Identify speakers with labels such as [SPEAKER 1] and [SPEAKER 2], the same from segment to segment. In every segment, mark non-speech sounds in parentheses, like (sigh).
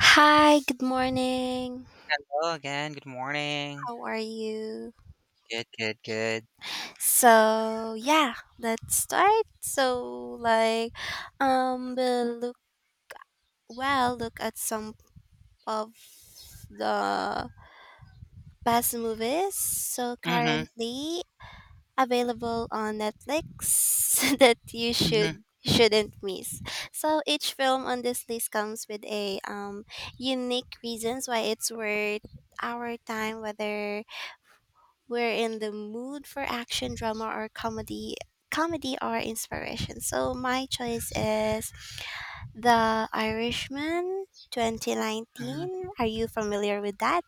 [SPEAKER 1] Hi, good morning.
[SPEAKER 2] Hello again. Good morning.
[SPEAKER 1] How are you?
[SPEAKER 2] Good, good, good.
[SPEAKER 1] So, yeah, let's start. Um, we'll look, look at some of the best movies. So,
[SPEAKER 2] Mhm,
[SPEAKER 1] currently available on Netflix (laughs) that you
[SPEAKER 2] mhm,
[SPEAKER 1] shouldn't miss. So each film on this list comes with a unique reasons why it's worth our time whether we're in the mood for action, drama, or comedy. Comedy or inspiration. So my choice is The Irishman
[SPEAKER 2] mhm.
[SPEAKER 1] 2019. Are you familiar with that?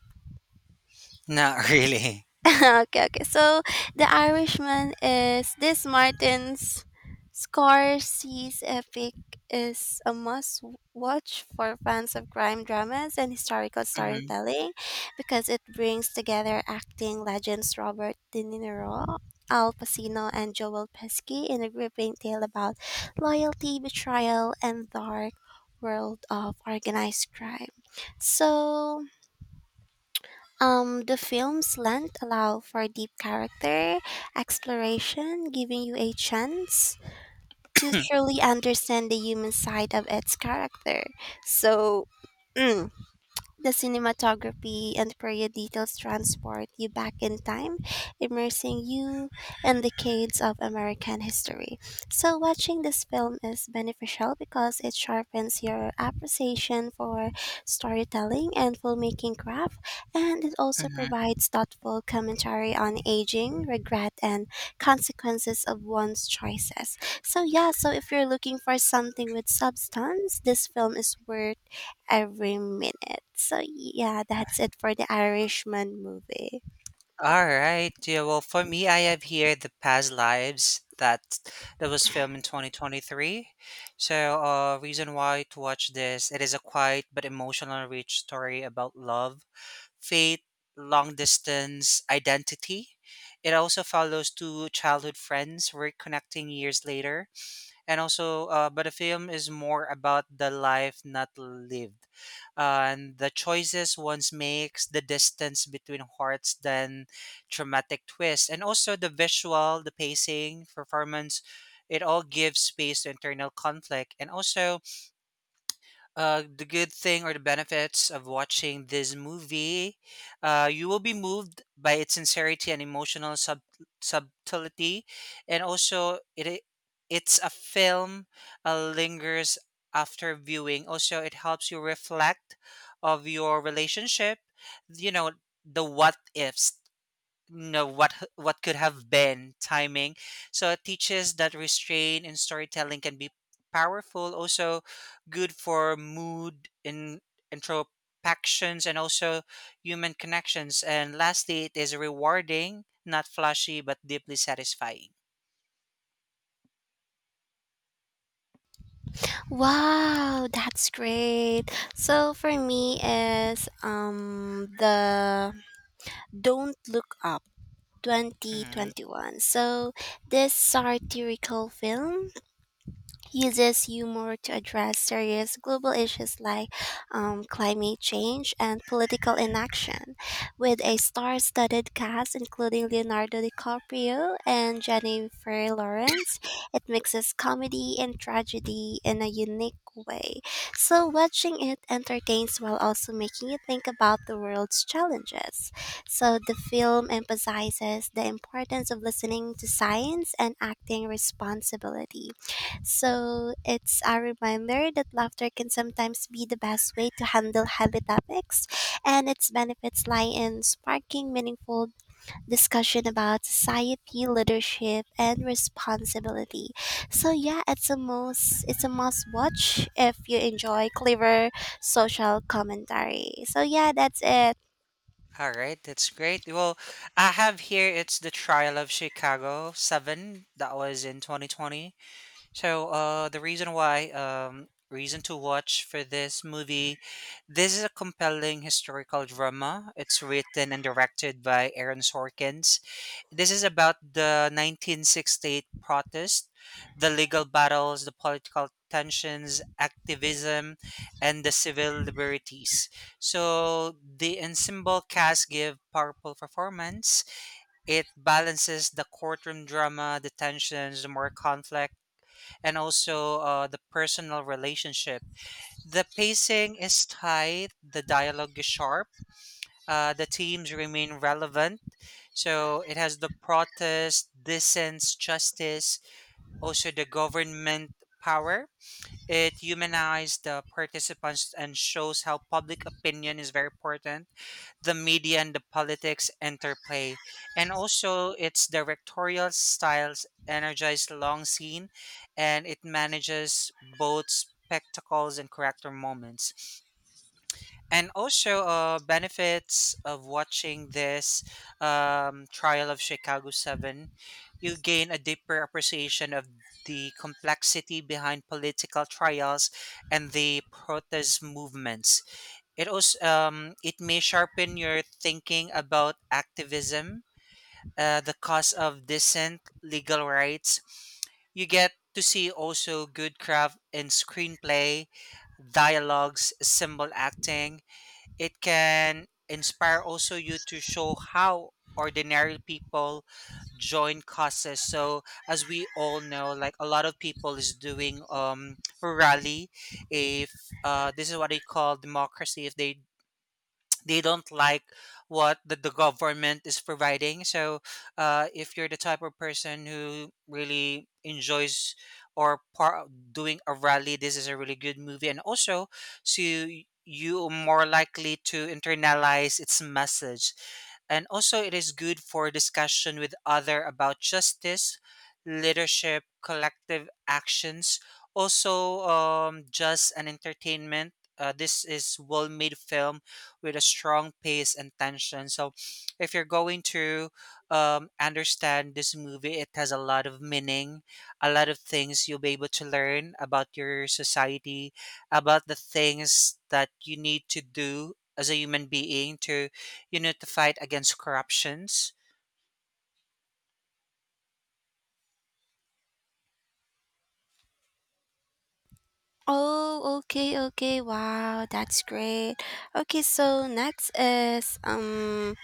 [SPEAKER 2] Not (laughs) really.
[SPEAKER 1] (laughs) Okay. So The Irishman is this Martin's Scorsese's epic is a must watch for fans of crime dramas and historical
[SPEAKER 2] Mhm,
[SPEAKER 1] storytelling because it brings together acting legends Robert De Niro, Al Pacino, and Joel Pesci in a gripping tale about loyalty, betrayal, and dark world of organized crime. So the film's length allow for deep character exploration, giving you a chance to truly understand the human side of its character. So, mm, the cinematography and period details transport you back in time, immersing you in decades of American history. So, watching this film is beneficial because it sharpens your appreciation for storytelling and filmmaking craft, and it also
[SPEAKER 2] mhm.
[SPEAKER 1] provides thoughtful commentary on aging, regret, and consequences of one's choices. So, yeah, so if you're looking for something with substance, this film is worth every minute. So yeah, that's it for the Irishman movie.
[SPEAKER 2] All right. Yeah. Well, for me, I have here the past lives that was filmed in 2023. So, reason why to watch this, it is a quiet but emotional rich story about love, fate, long distance, identity. It also follows two childhood friends reconnecting years later and also but the film is more about the life not lived and the choices one makes the distance between hearts then dramatic twist and also the visual the pacing performance it all gives space to internal conflict and also the good thing or the benefits of watching this movie, you will be moved by its sincerity and emotional subtlety, and also it's a film lingers after viewing. Also, it helps you reflect of your relationship. You know the what ifs know what could have been timing so it teaches that restraint in storytelling can be powerful also good for mood in introspections and also human connections and lastly it is rewarding not flashy but deeply satisfying.
[SPEAKER 1] Wow, that's great. So for me is the Don't Look Up
[SPEAKER 2] Mhm.
[SPEAKER 1] 2021. So this satirical film uses humor to address serious global issues like climate change and political inaction, with a star studded cast including Leonardo DiCaprio and Jennifer Lawrence. It mixes comedy and tragedy in a unique way. So, watching it entertains while also making you think about the world's challenges. So, the film emphasizes the importance of listening to science and acting responsibility. So it's a reminder that laughter can sometimes be the best way to handle heavy topics, and its benefits lie in sparking meaningful discussion about society, leadership, and responsibility. So yeah, it's a must watch if you enjoy clever social commentary. So yeah, that's it.
[SPEAKER 2] All right, that's great. Well, I have here it's the trial of Chicago 7 that was in 2020. So the reason why, reason to watch for this movie, this is a compelling historical drama. It's written and directed by Aaron Sorkins. This is about the 1968 protest, the legal battles, the political tensions, activism, and the civil liberties. So the ensemble cast give powerful performance. It balances the courtroom drama, the tensions, the more conflict and also the personal relationship. The pacing is tight, the dialogue is sharp, the themes remain relevant. So it has the protest, dissent, justice, also the government power. It humanized the participants and shows how public opinion is very important the media and the politics interplay. And also, its directorial styles energize long scene and it manages both spectacles and character moments. And also, benefits of watching this Trial of Chicago 7, you gain a deeper appreciation of the complexity behind political trials and the protest movements it also it may sharpen your thinking about activism, the cause of decent legal rights. You get to see also good craft in screenplay, dialogues, symbol acting. It can inspire also you to show how ordinary people join causes. So as we all know, like a lot of people is doing rally if this is what they call democracy if they don't like what the government is providing. So, if you're the type of person who really enjoys or doing a rally, this is a really good movie. And also, so you are more likely to internalize its message. And also, it is good for discussion with other about justice, leadership, collective actions. Also, just an entertainment. This is well-made film with a strong pace and tension. So, if you're going to understand this movie, it has a lot of meaning, a lot of things you'll be able to learn about your society, about the things that you need to do as a human being to, you know, to fight against corruptions.
[SPEAKER 1] Oh, okay. Wow, that's great. Okay, so next is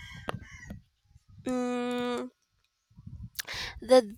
[SPEAKER 1] mm, the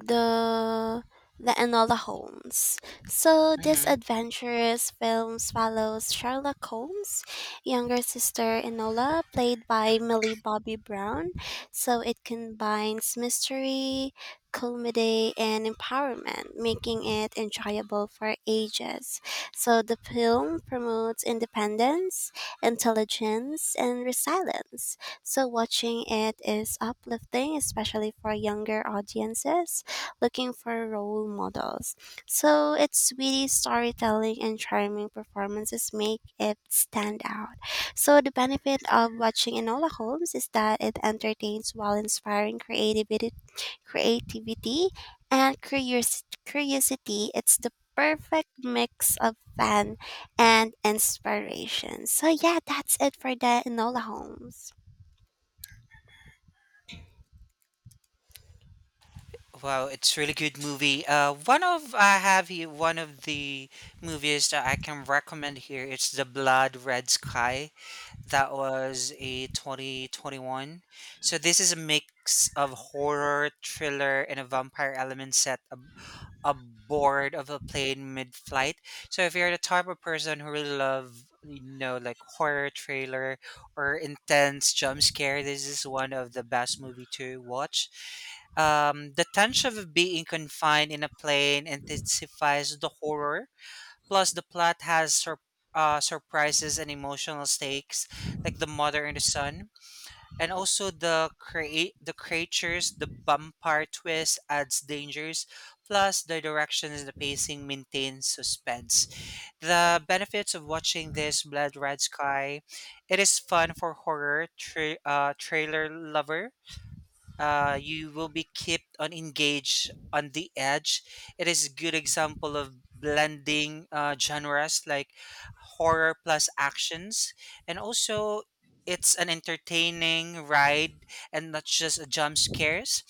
[SPEAKER 1] the the Enola Holmes. So this
[SPEAKER 2] Hmm.
[SPEAKER 1] adventurous film follows Sherlock Holmes' younger sister Enola, played by Millie Bobby Brown. So it combines mystery, comedy, and empowerment, making it enjoyable for ages. So the film promotes independence, intelligence, and resilience. So watching it is uplifting, especially for younger audiences looking for role models. So its witty storytelling and charming performances make it stand out. So the benefit of watching Enola Holmes is that it entertains while inspiring creativity and Curiosity. It's the perfect mix of fun and inspiration. So yeah, that's it for the Enola Holmes.
[SPEAKER 2] Wow, it's really good movie. One of I have here one of the movies that I can recommend here. It's The Blood Red Sky. That was a 2021. So this is a mix of horror, thriller, and a vampire element set aboard of a plane mid-flight. So if you're the type of person who really love, you know, like horror trailer or intense jump scare, this is one of the best movie to watch. The tension of being confined in a plane intensifies the horror. Plus, the plot has surprises and emotional stakes, like the mother and the son, and also the creatures, the vampire twist adds dangers. Plus, the direction and the pacing maintains suspense. The benefits of watching this Blood Red Sky, it is fun for horror trailer lover you will be kept on engaged on the edge. It is a good example of blending genres like horror plus actions, and also it's an entertaining ride and not just a jump scares.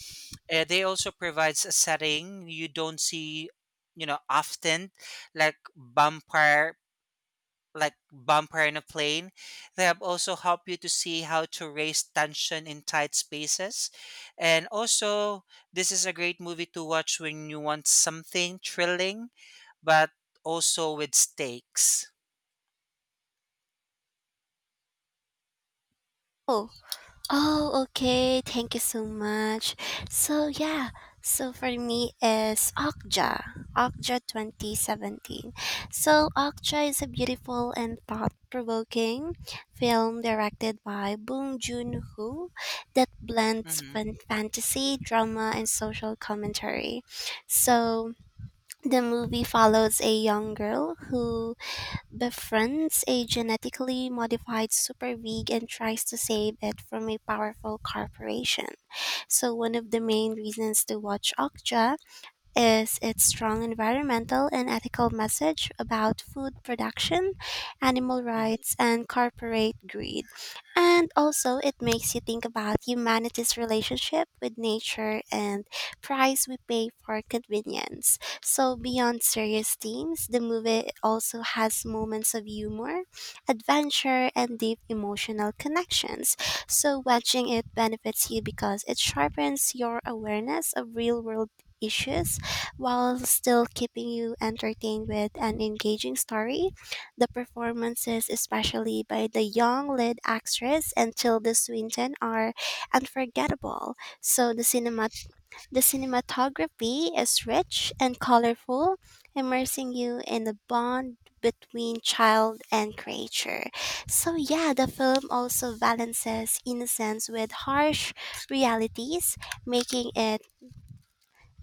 [SPEAKER 2] They also provides a setting you don't see, you know, often, like vampire like bumper in a plane. They have also helped you to see how to raise tension in tight spaces. And also, this is a great movie to watch when you want something thrilling, but also with stakes.
[SPEAKER 1] Oh, Oh, okay. Thank you so much. So yeah, so for me is Okja 2017. So Okja is a beautiful and thought-provoking film directed by Bong Joon-ho that blends
[SPEAKER 2] Hmm.
[SPEAKER 1] fantasy, drama, and social commentary. So the movie follows a young girl who befriends a genetically modified superpig and tries to save it from a powerful corporation. So one of the main reasons to watch Okja is its strong environmental and ethical message about food production, animal
[SPEAKER 2] Hmm.
[SPEAKER 1] rights, and corporate greed. And also, it makes you think about humanity's relationship with nature and price we pay for convenience. So, beyond serious themes, the movie also has moments of humor, adventure, and deep emotional connections. So, watching it benefits you because it sharpens your awareness of real world issues while still keeping you entertained with an engaging story. The performances, especially by the young lead actress and Tilda Swinton, are unforgettable. So the cinematography is rich and colorful, immersing you in the bond between child and creature. So yeah, the film also balances innocence with harsh realities, making it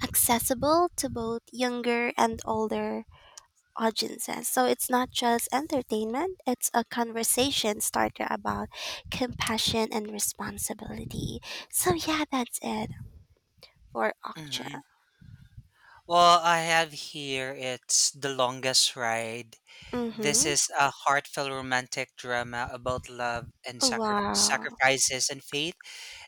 [SPEAKER 1] accessible to both younger and older audiences. So it's not just entertainment, it's a conversation starter about compassion and responsibility. So yeah, that's it for Okja.
[SPEAKER 2] Hmm. Well, I have here it's The Longest Ride. This
[SPEAKER 1] Mm-hmm.
[SPEAKER 2] is a heartfelt romantic drama about love and
[SPEAKER 1] Wow.
[SPEAKER 2] sacrifices and faith.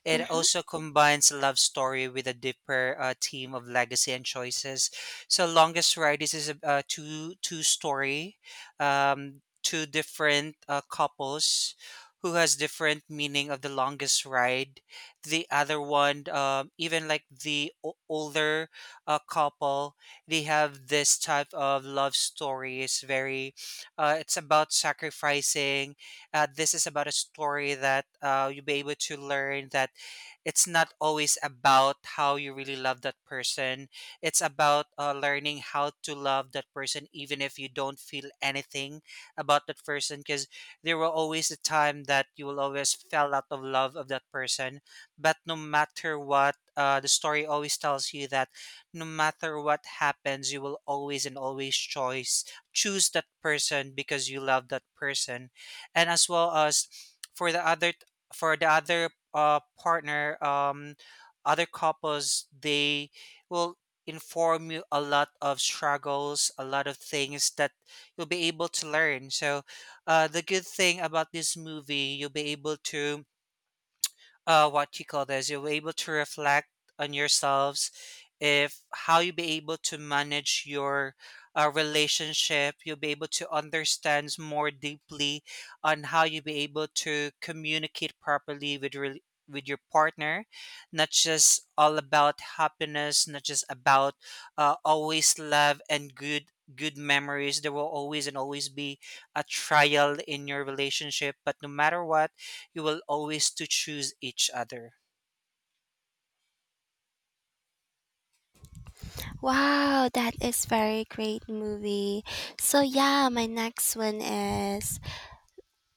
[SPEAKER 2] It
[SPEAKER 1] Mm-hmm.
[SPEAKER 2] also combines love story with a deeper theme of legacy and choices. So, Longest Ride this is a two story, two different couples who has different meaning of the longest ride. The other one, even like the older couple, they have this type of love story. It's very, it's about sacrificing this is about a story that you'll be able to learn that it's not always about how you really love that person. It's about learning how to love that person, even if you don't feel anything about that person. Because there will always a time that you will always fell out of love of that person. But no matter what, the story always tells you that no matter what happens, you will always and always choice choose that person because you love that person, and as well as for the other for the other partner, other couples, they will inform you a lot of struggles, a lot of things that you'll be able to learn. So, the good thing about this movie, you'll be able to what you call this, you will be able to reflect on yourselves, if how you be able to manage your relationship, you'll be able to understand more deeply on how you be able to communicate properly with with your partner, not just all about happiness, not just about always love and good memories. There will always and always be a trial in your relationship, but no matter what you will always to choose each other.
[SPEAKER 1] Wow, that is very great movie. So yeah, my next one is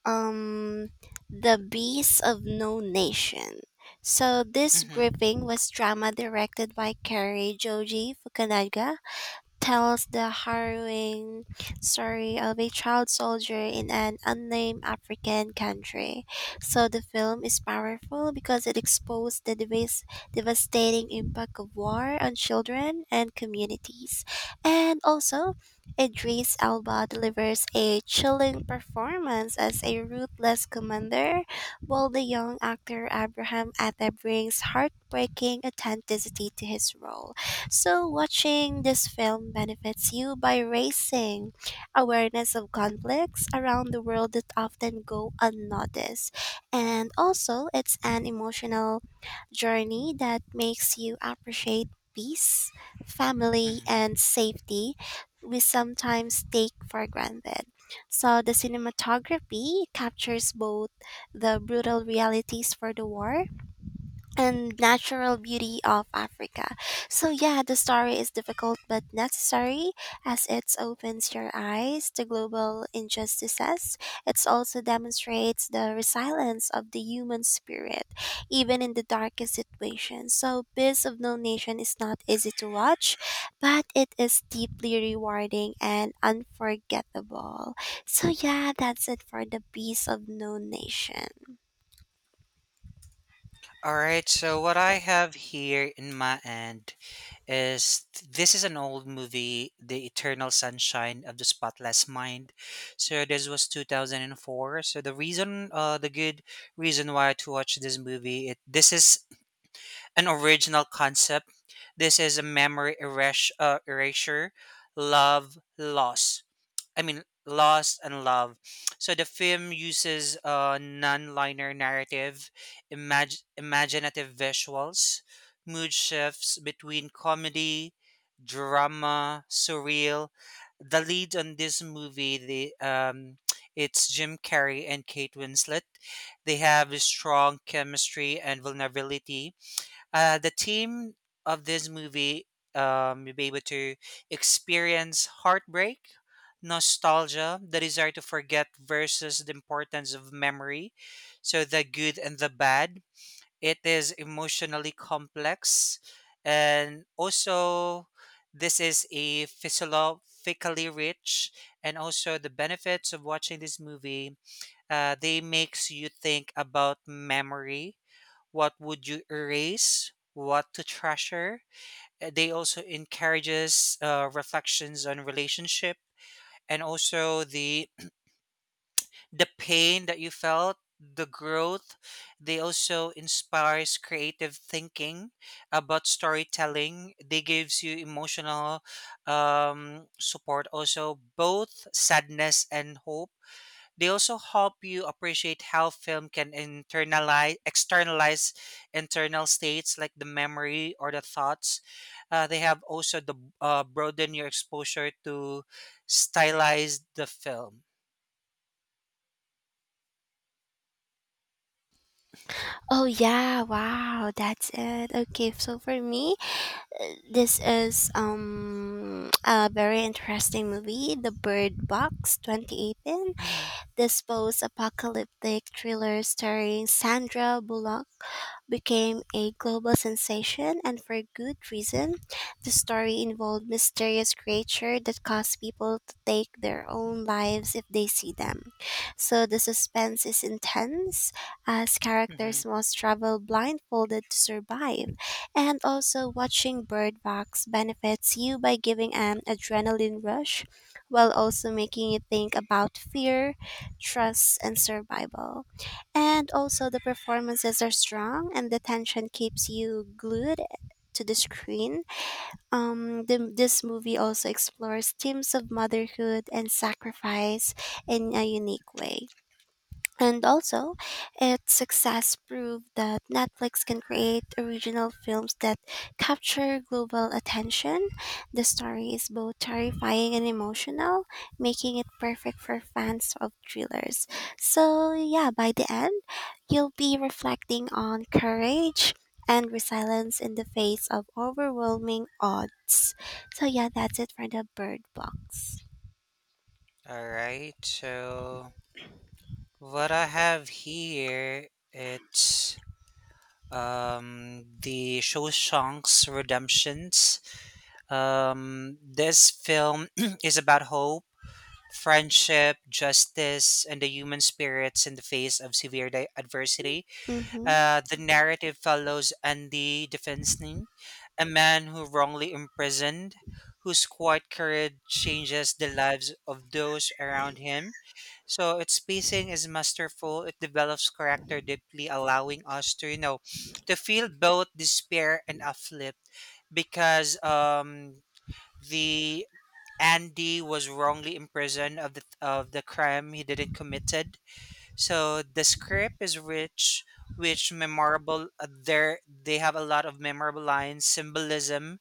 [SPEAKER 1] um the beasts of no nation so this
[SPEAKER 2] Mm-hmm.
[SPEAKER 1] grouping was drama directed by Kerry Joji Fukunaga tells the harrowing story of a child soldier in an unnamed African country. So the film is powerful because it exposed the devastating impact of war on children and communities. And also, Idris Elba delivers a chilling performance as a ruthless commander, while the young actor Abraham Atta brings heartbreaking authenticity to his role. So, watching this film benefits you by raising awareness of conflicts around the world that often go unnoticed. And also, it's an emotional journey that makes you appreciate peace, family,
[SPEAKER 2] Mm-hmm.
[SPEAKER 1] and safety we sometimes take for granted. So, the cinematography captures both the brutal realities for the war and natural beauty of Africa. So yeah, the story is difficult but necessary as it opens your eyes to global injustices. It also demonstrates the resilience of the human spirit, even in the darkest situations. So Beast of No Nation is not easy to watch, but it is deeply rewarding and unforgettable. So yeah, that's it for the Beast of No Nation.
[SPEAKER 2] All right. So what I have here in my end this is an old movie, The Eternal Sunshine of the Spotless Mind. So this was 2004. So the reason, the good reason why to watch this movie, it this is an original concept. This is a memory erasure, love loss. I mean, Lost and Love. So the film uses a non-linear narrative, imaginative visuals, mood shifts between comedy, drama, surreal. The lead on this movie, the it's Jim Carrey and Kate Winslet. They have a strong chemistry and vulnerability the theme of this movie, you'll be able to experience heartbreak, nostalgia, the desire to forget versus the importance of memory. So the good and the bad. It is emotionally complex, and also this is a philosophically rich, and also the benefits of watching this movie. They makes you think about memory what would you erase what to treasure. They also encourages reflections on relationship and also the pain that you felt the growth they also inspires creative thinking about storytelling they gives you emotional support also both sadness and hope they also help you appreciate how film can internalize, externalize internal states like the memory or the thoughts. They have also the broaden your exposure to stylize the film.
[SPEAKER 1] Oh yeah, wow, that's it. Okay, so for me, this is (tsk) a very interesting movie, The Bird Box 2018.
[SPEAKER 2] Mm-hmm.
[SPEAKER 1] This post-apocalyptic thriller starring Sandra Bullock became a global sensation, and for good reason. The story involved mysterious creatures that cause people to take their own lives if they see them. So the suspense is intense as
[SPEAKER 2] Mm-hmm.
[SPEAKER 1] characters must travel blindfolded to survive. And also, watching Bird Box benefits you by giving an adrenaline rush while also making you think about fear, trust, and survival. And also, the performances are strong, and the tension keeps you glued to the screen. This movie also explores themes of motherhood and sacrifice in a unique way. And also, its success proved that Netflix can create original films that capture global attention. The story is both terrifying and emotional, making it perfect for fans of thrillers. So, yeah, by the end, you'll be reflecting on courage and resilience in the face of overwhelming odds. So, yeah, that's it for the bird box.
[SPEAKER 2] All right. So what I have here, it's the Shawshank's Redemptions. This film (clears throat) is about hope friendship, justice, and the human spirits in the face of severe adversity.
[SPEAKER 1] Mm-hmm.
[SPEAKER 2] The narrative follows Andy Defensny, a man who wrongly imprisoned, whose quiet courage changes the lives of those around him. So its pacing is masterful. It develops character deeply, allowing us to, you know, to feel both despair and uplift because the Andy was wrongly imprisoned of the crime he didn't committed so the script is rich, which memorable. There they have a lot of memorable lines, symbolism,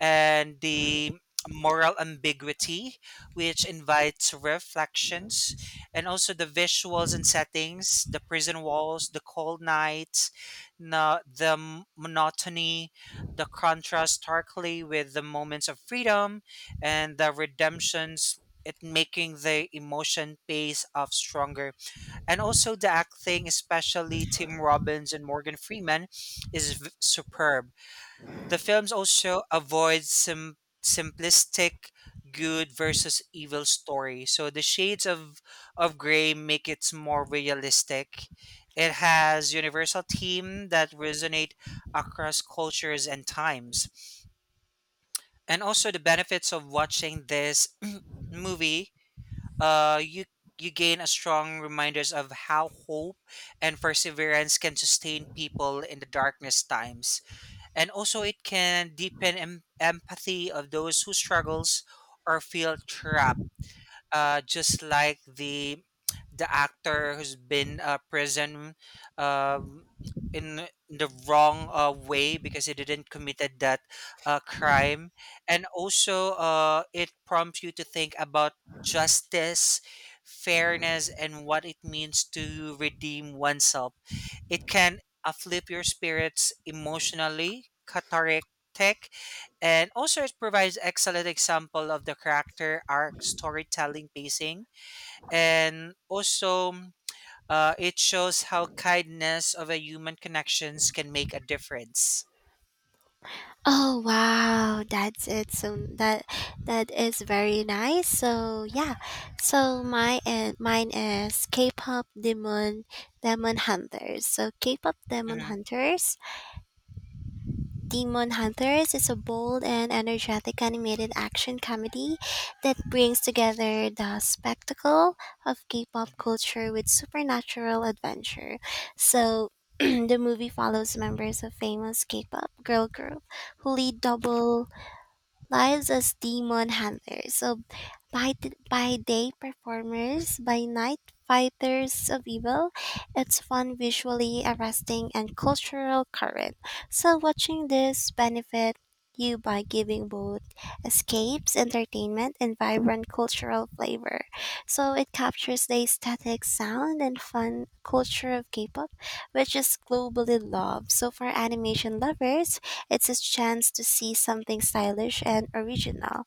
[SPEAKER 2] and the moral ambiguity, which invites reflections, and also the visuals and settings, the prison walls, the cold nights, monotony, the contrast starkly with the moments of freedom and the redemptions. It making the emotion pace off stronger and also the acting, especially Tim Robbins and Morgan Freeman, superb. The films also avoid simplistic good versus evil story. So the shades of gray make it more realistic. It has universal theme that resonate across cultures and times. And also the benefits of watching this (clears throat) movie uh, you you gain a strong reminders of how hope and perseverance can sustain people in the darkness times, and also it can deepen empathy of those who struggles or feel trapped, just like the actor who's been prison, um, in the wrong way because he didn't committed that crime. And also it prompts you to think about justice, fairness, and what it means to redeem oneself. It can uplift your spirits, emotionally cathartic. And also, it provides excellent example of the character arc, storytelling, pacing, and also it shows how kindness of a human connections can make a difference.
[SPEAKER 1] Oh wow, that's it. So that is very nice. So yeah, so my and mine is K-pop Demon Demon Hunters. So
[SPEAKER 2] Mhm,
[SPEAKER 1] Demon Hunters is a bold and energetic animated action comedy that brings together the spectacle of K-pop
[SPEAKER 2] mhm,
[SPEAKER 1] culture with supernatural adventure. So. (clears throat) the movie follows members of famous K-pop girl group who lead double lives as demon handlers. So by day performers, by night fighters of evil, it's fun visually arresting and cultural current. So watching this benefit you by giving both escapes, entertainment, and vibrant cultural flavor. So it captures the aesthetic sound and fun culture of K-pop, which is globally loved. So for animation lovers, it's a chance to see something stylish and original.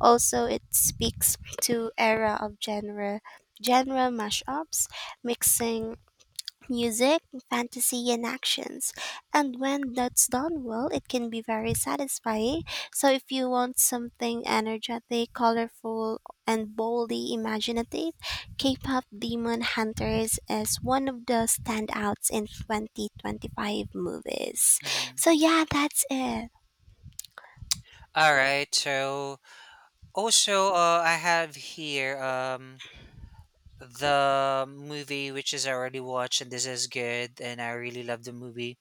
[SPEAKER 1] Also, it speaks to era of genre mashups, mixing music, fantasy and actions. And when that's done well, it can be very satisfying. So if you want something energetic, colorful and boldly imaginative, K-pop Demon Hunters is one of the standouts in 2025 movies.
[SPEAKER 2] mhm.
[SPEAKER 1] So yeah, that's it.
[SPEAKER 2] All right. So also, I have here the movie which is already watched, and this is good, and I really love the movie.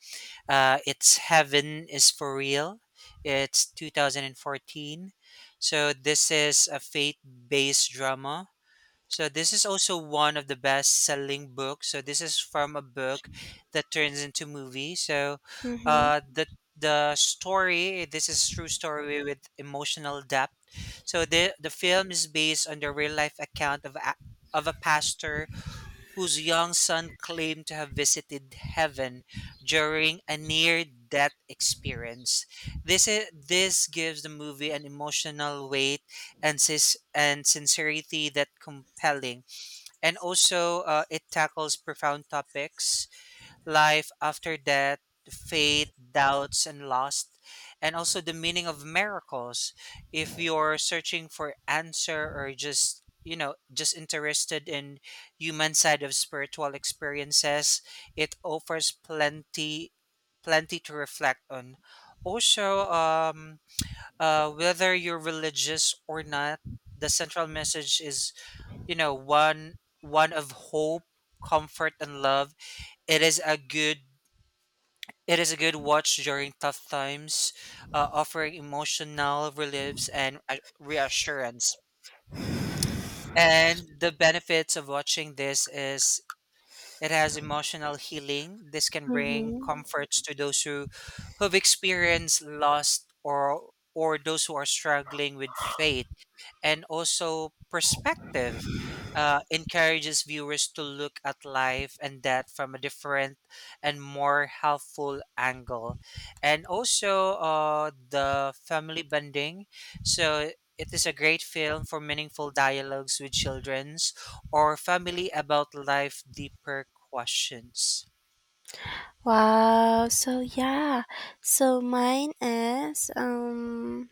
[SPEAKER 2] It's Heaven is for Real. It's 2014. So this is a faith-based drama. So this is also one of the best-selling books. So this is from a book that turns into movie. So
[SPEAKER 1] Mhm.
[SPEAKER 2] uh, the the story, this is true story with emotional depth. So the film is based on the real life account of of a pastor whose young son claimed to have visited heaven during a near-death experience. This gives the movie an emotional weight and and sincerity that compelling. And also, it tackles profound topics: life after death, faith, doubts, and loss, and also the meaning of miracles. If you're searching for answer or just, you know, just interested in human side of spiritual experiences, it offers plenty to reflect on. Also, whether you're religious or not, the central message is, you know one one of hope, comfort, and love. It is a good it is a good watch during tough times, offering emotional reliefs and reassurance. And the benefits of watching this is it has emotional healing. This can bring
[SPEAKER 1] Mhm.
[SPEAKER 2] comforts to those who who've experienced loss, or those who are struggling with faith, and also perspective. Encourages viewers to look at life and death from a different and more helpful angle. And also the family bonding. So it is a great film for meaningful dialogues with children or family about life deeper questions.
[SPEAKER 1] Wow. So yeah. So mine is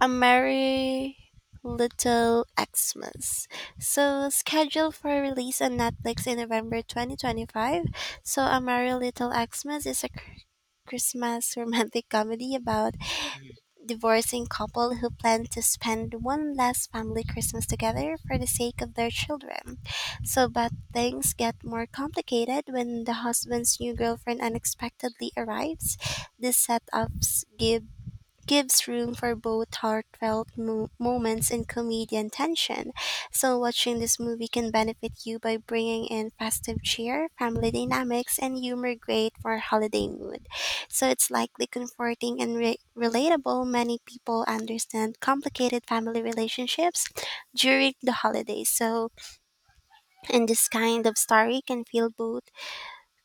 [SPEAKER 1] a merry little Xmas. So scheduled for release on Netflix in November 2025. So a merry little Xmas is a Christmas romantic comedy about
[SPEAKER 2] Mhm.
[SPEAKER 1] divorcing couple who plan to spend one last family Christmas together for the sake of their children. So, but things get more complicated when the husband's new girlfriend unexpectedly arrives. These setups gives room for both moments and comedy and tension. So, watching this movie can benefit you by bringing in festive cheer, family dynamics, and humor great for holiday mood. So, it's likely comforting and relatable. Many people understand complicated family relationships during the holidays. So, and this kind of story can feel both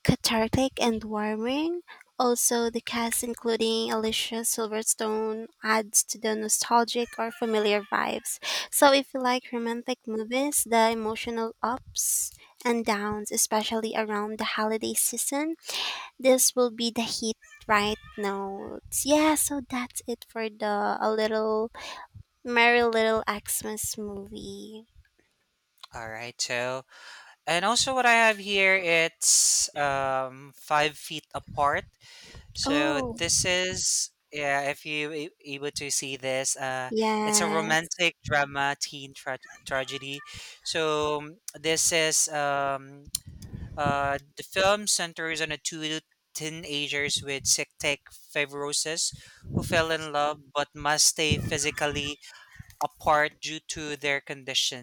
[SPEAKER 1] cathartic and warming. Also, the cast, including Alicia Silverstone, adds to the nostalgic or familiar vibes. So, if you like romantic movies, the emotional ups and downs, especially around the holiday season, this will be the hit right notes. Yeah, so that's it for the A Little Merry Little Xmas movie.
[SPEAKER 2] All right, so and also what I have here, it's Five Feet Apart. So
[SPEAKER 1] Oh,
[SPEAKER 2] this is, yeah, if you able to see this. Uh, it's a
[SPEAKER 1] yes.
[SPEAKER 2] romantic drama teen tragedy. So this is the film centers on a two teenagers with cystic fibrosis who fell in love but must stay physically apart due to their conditions.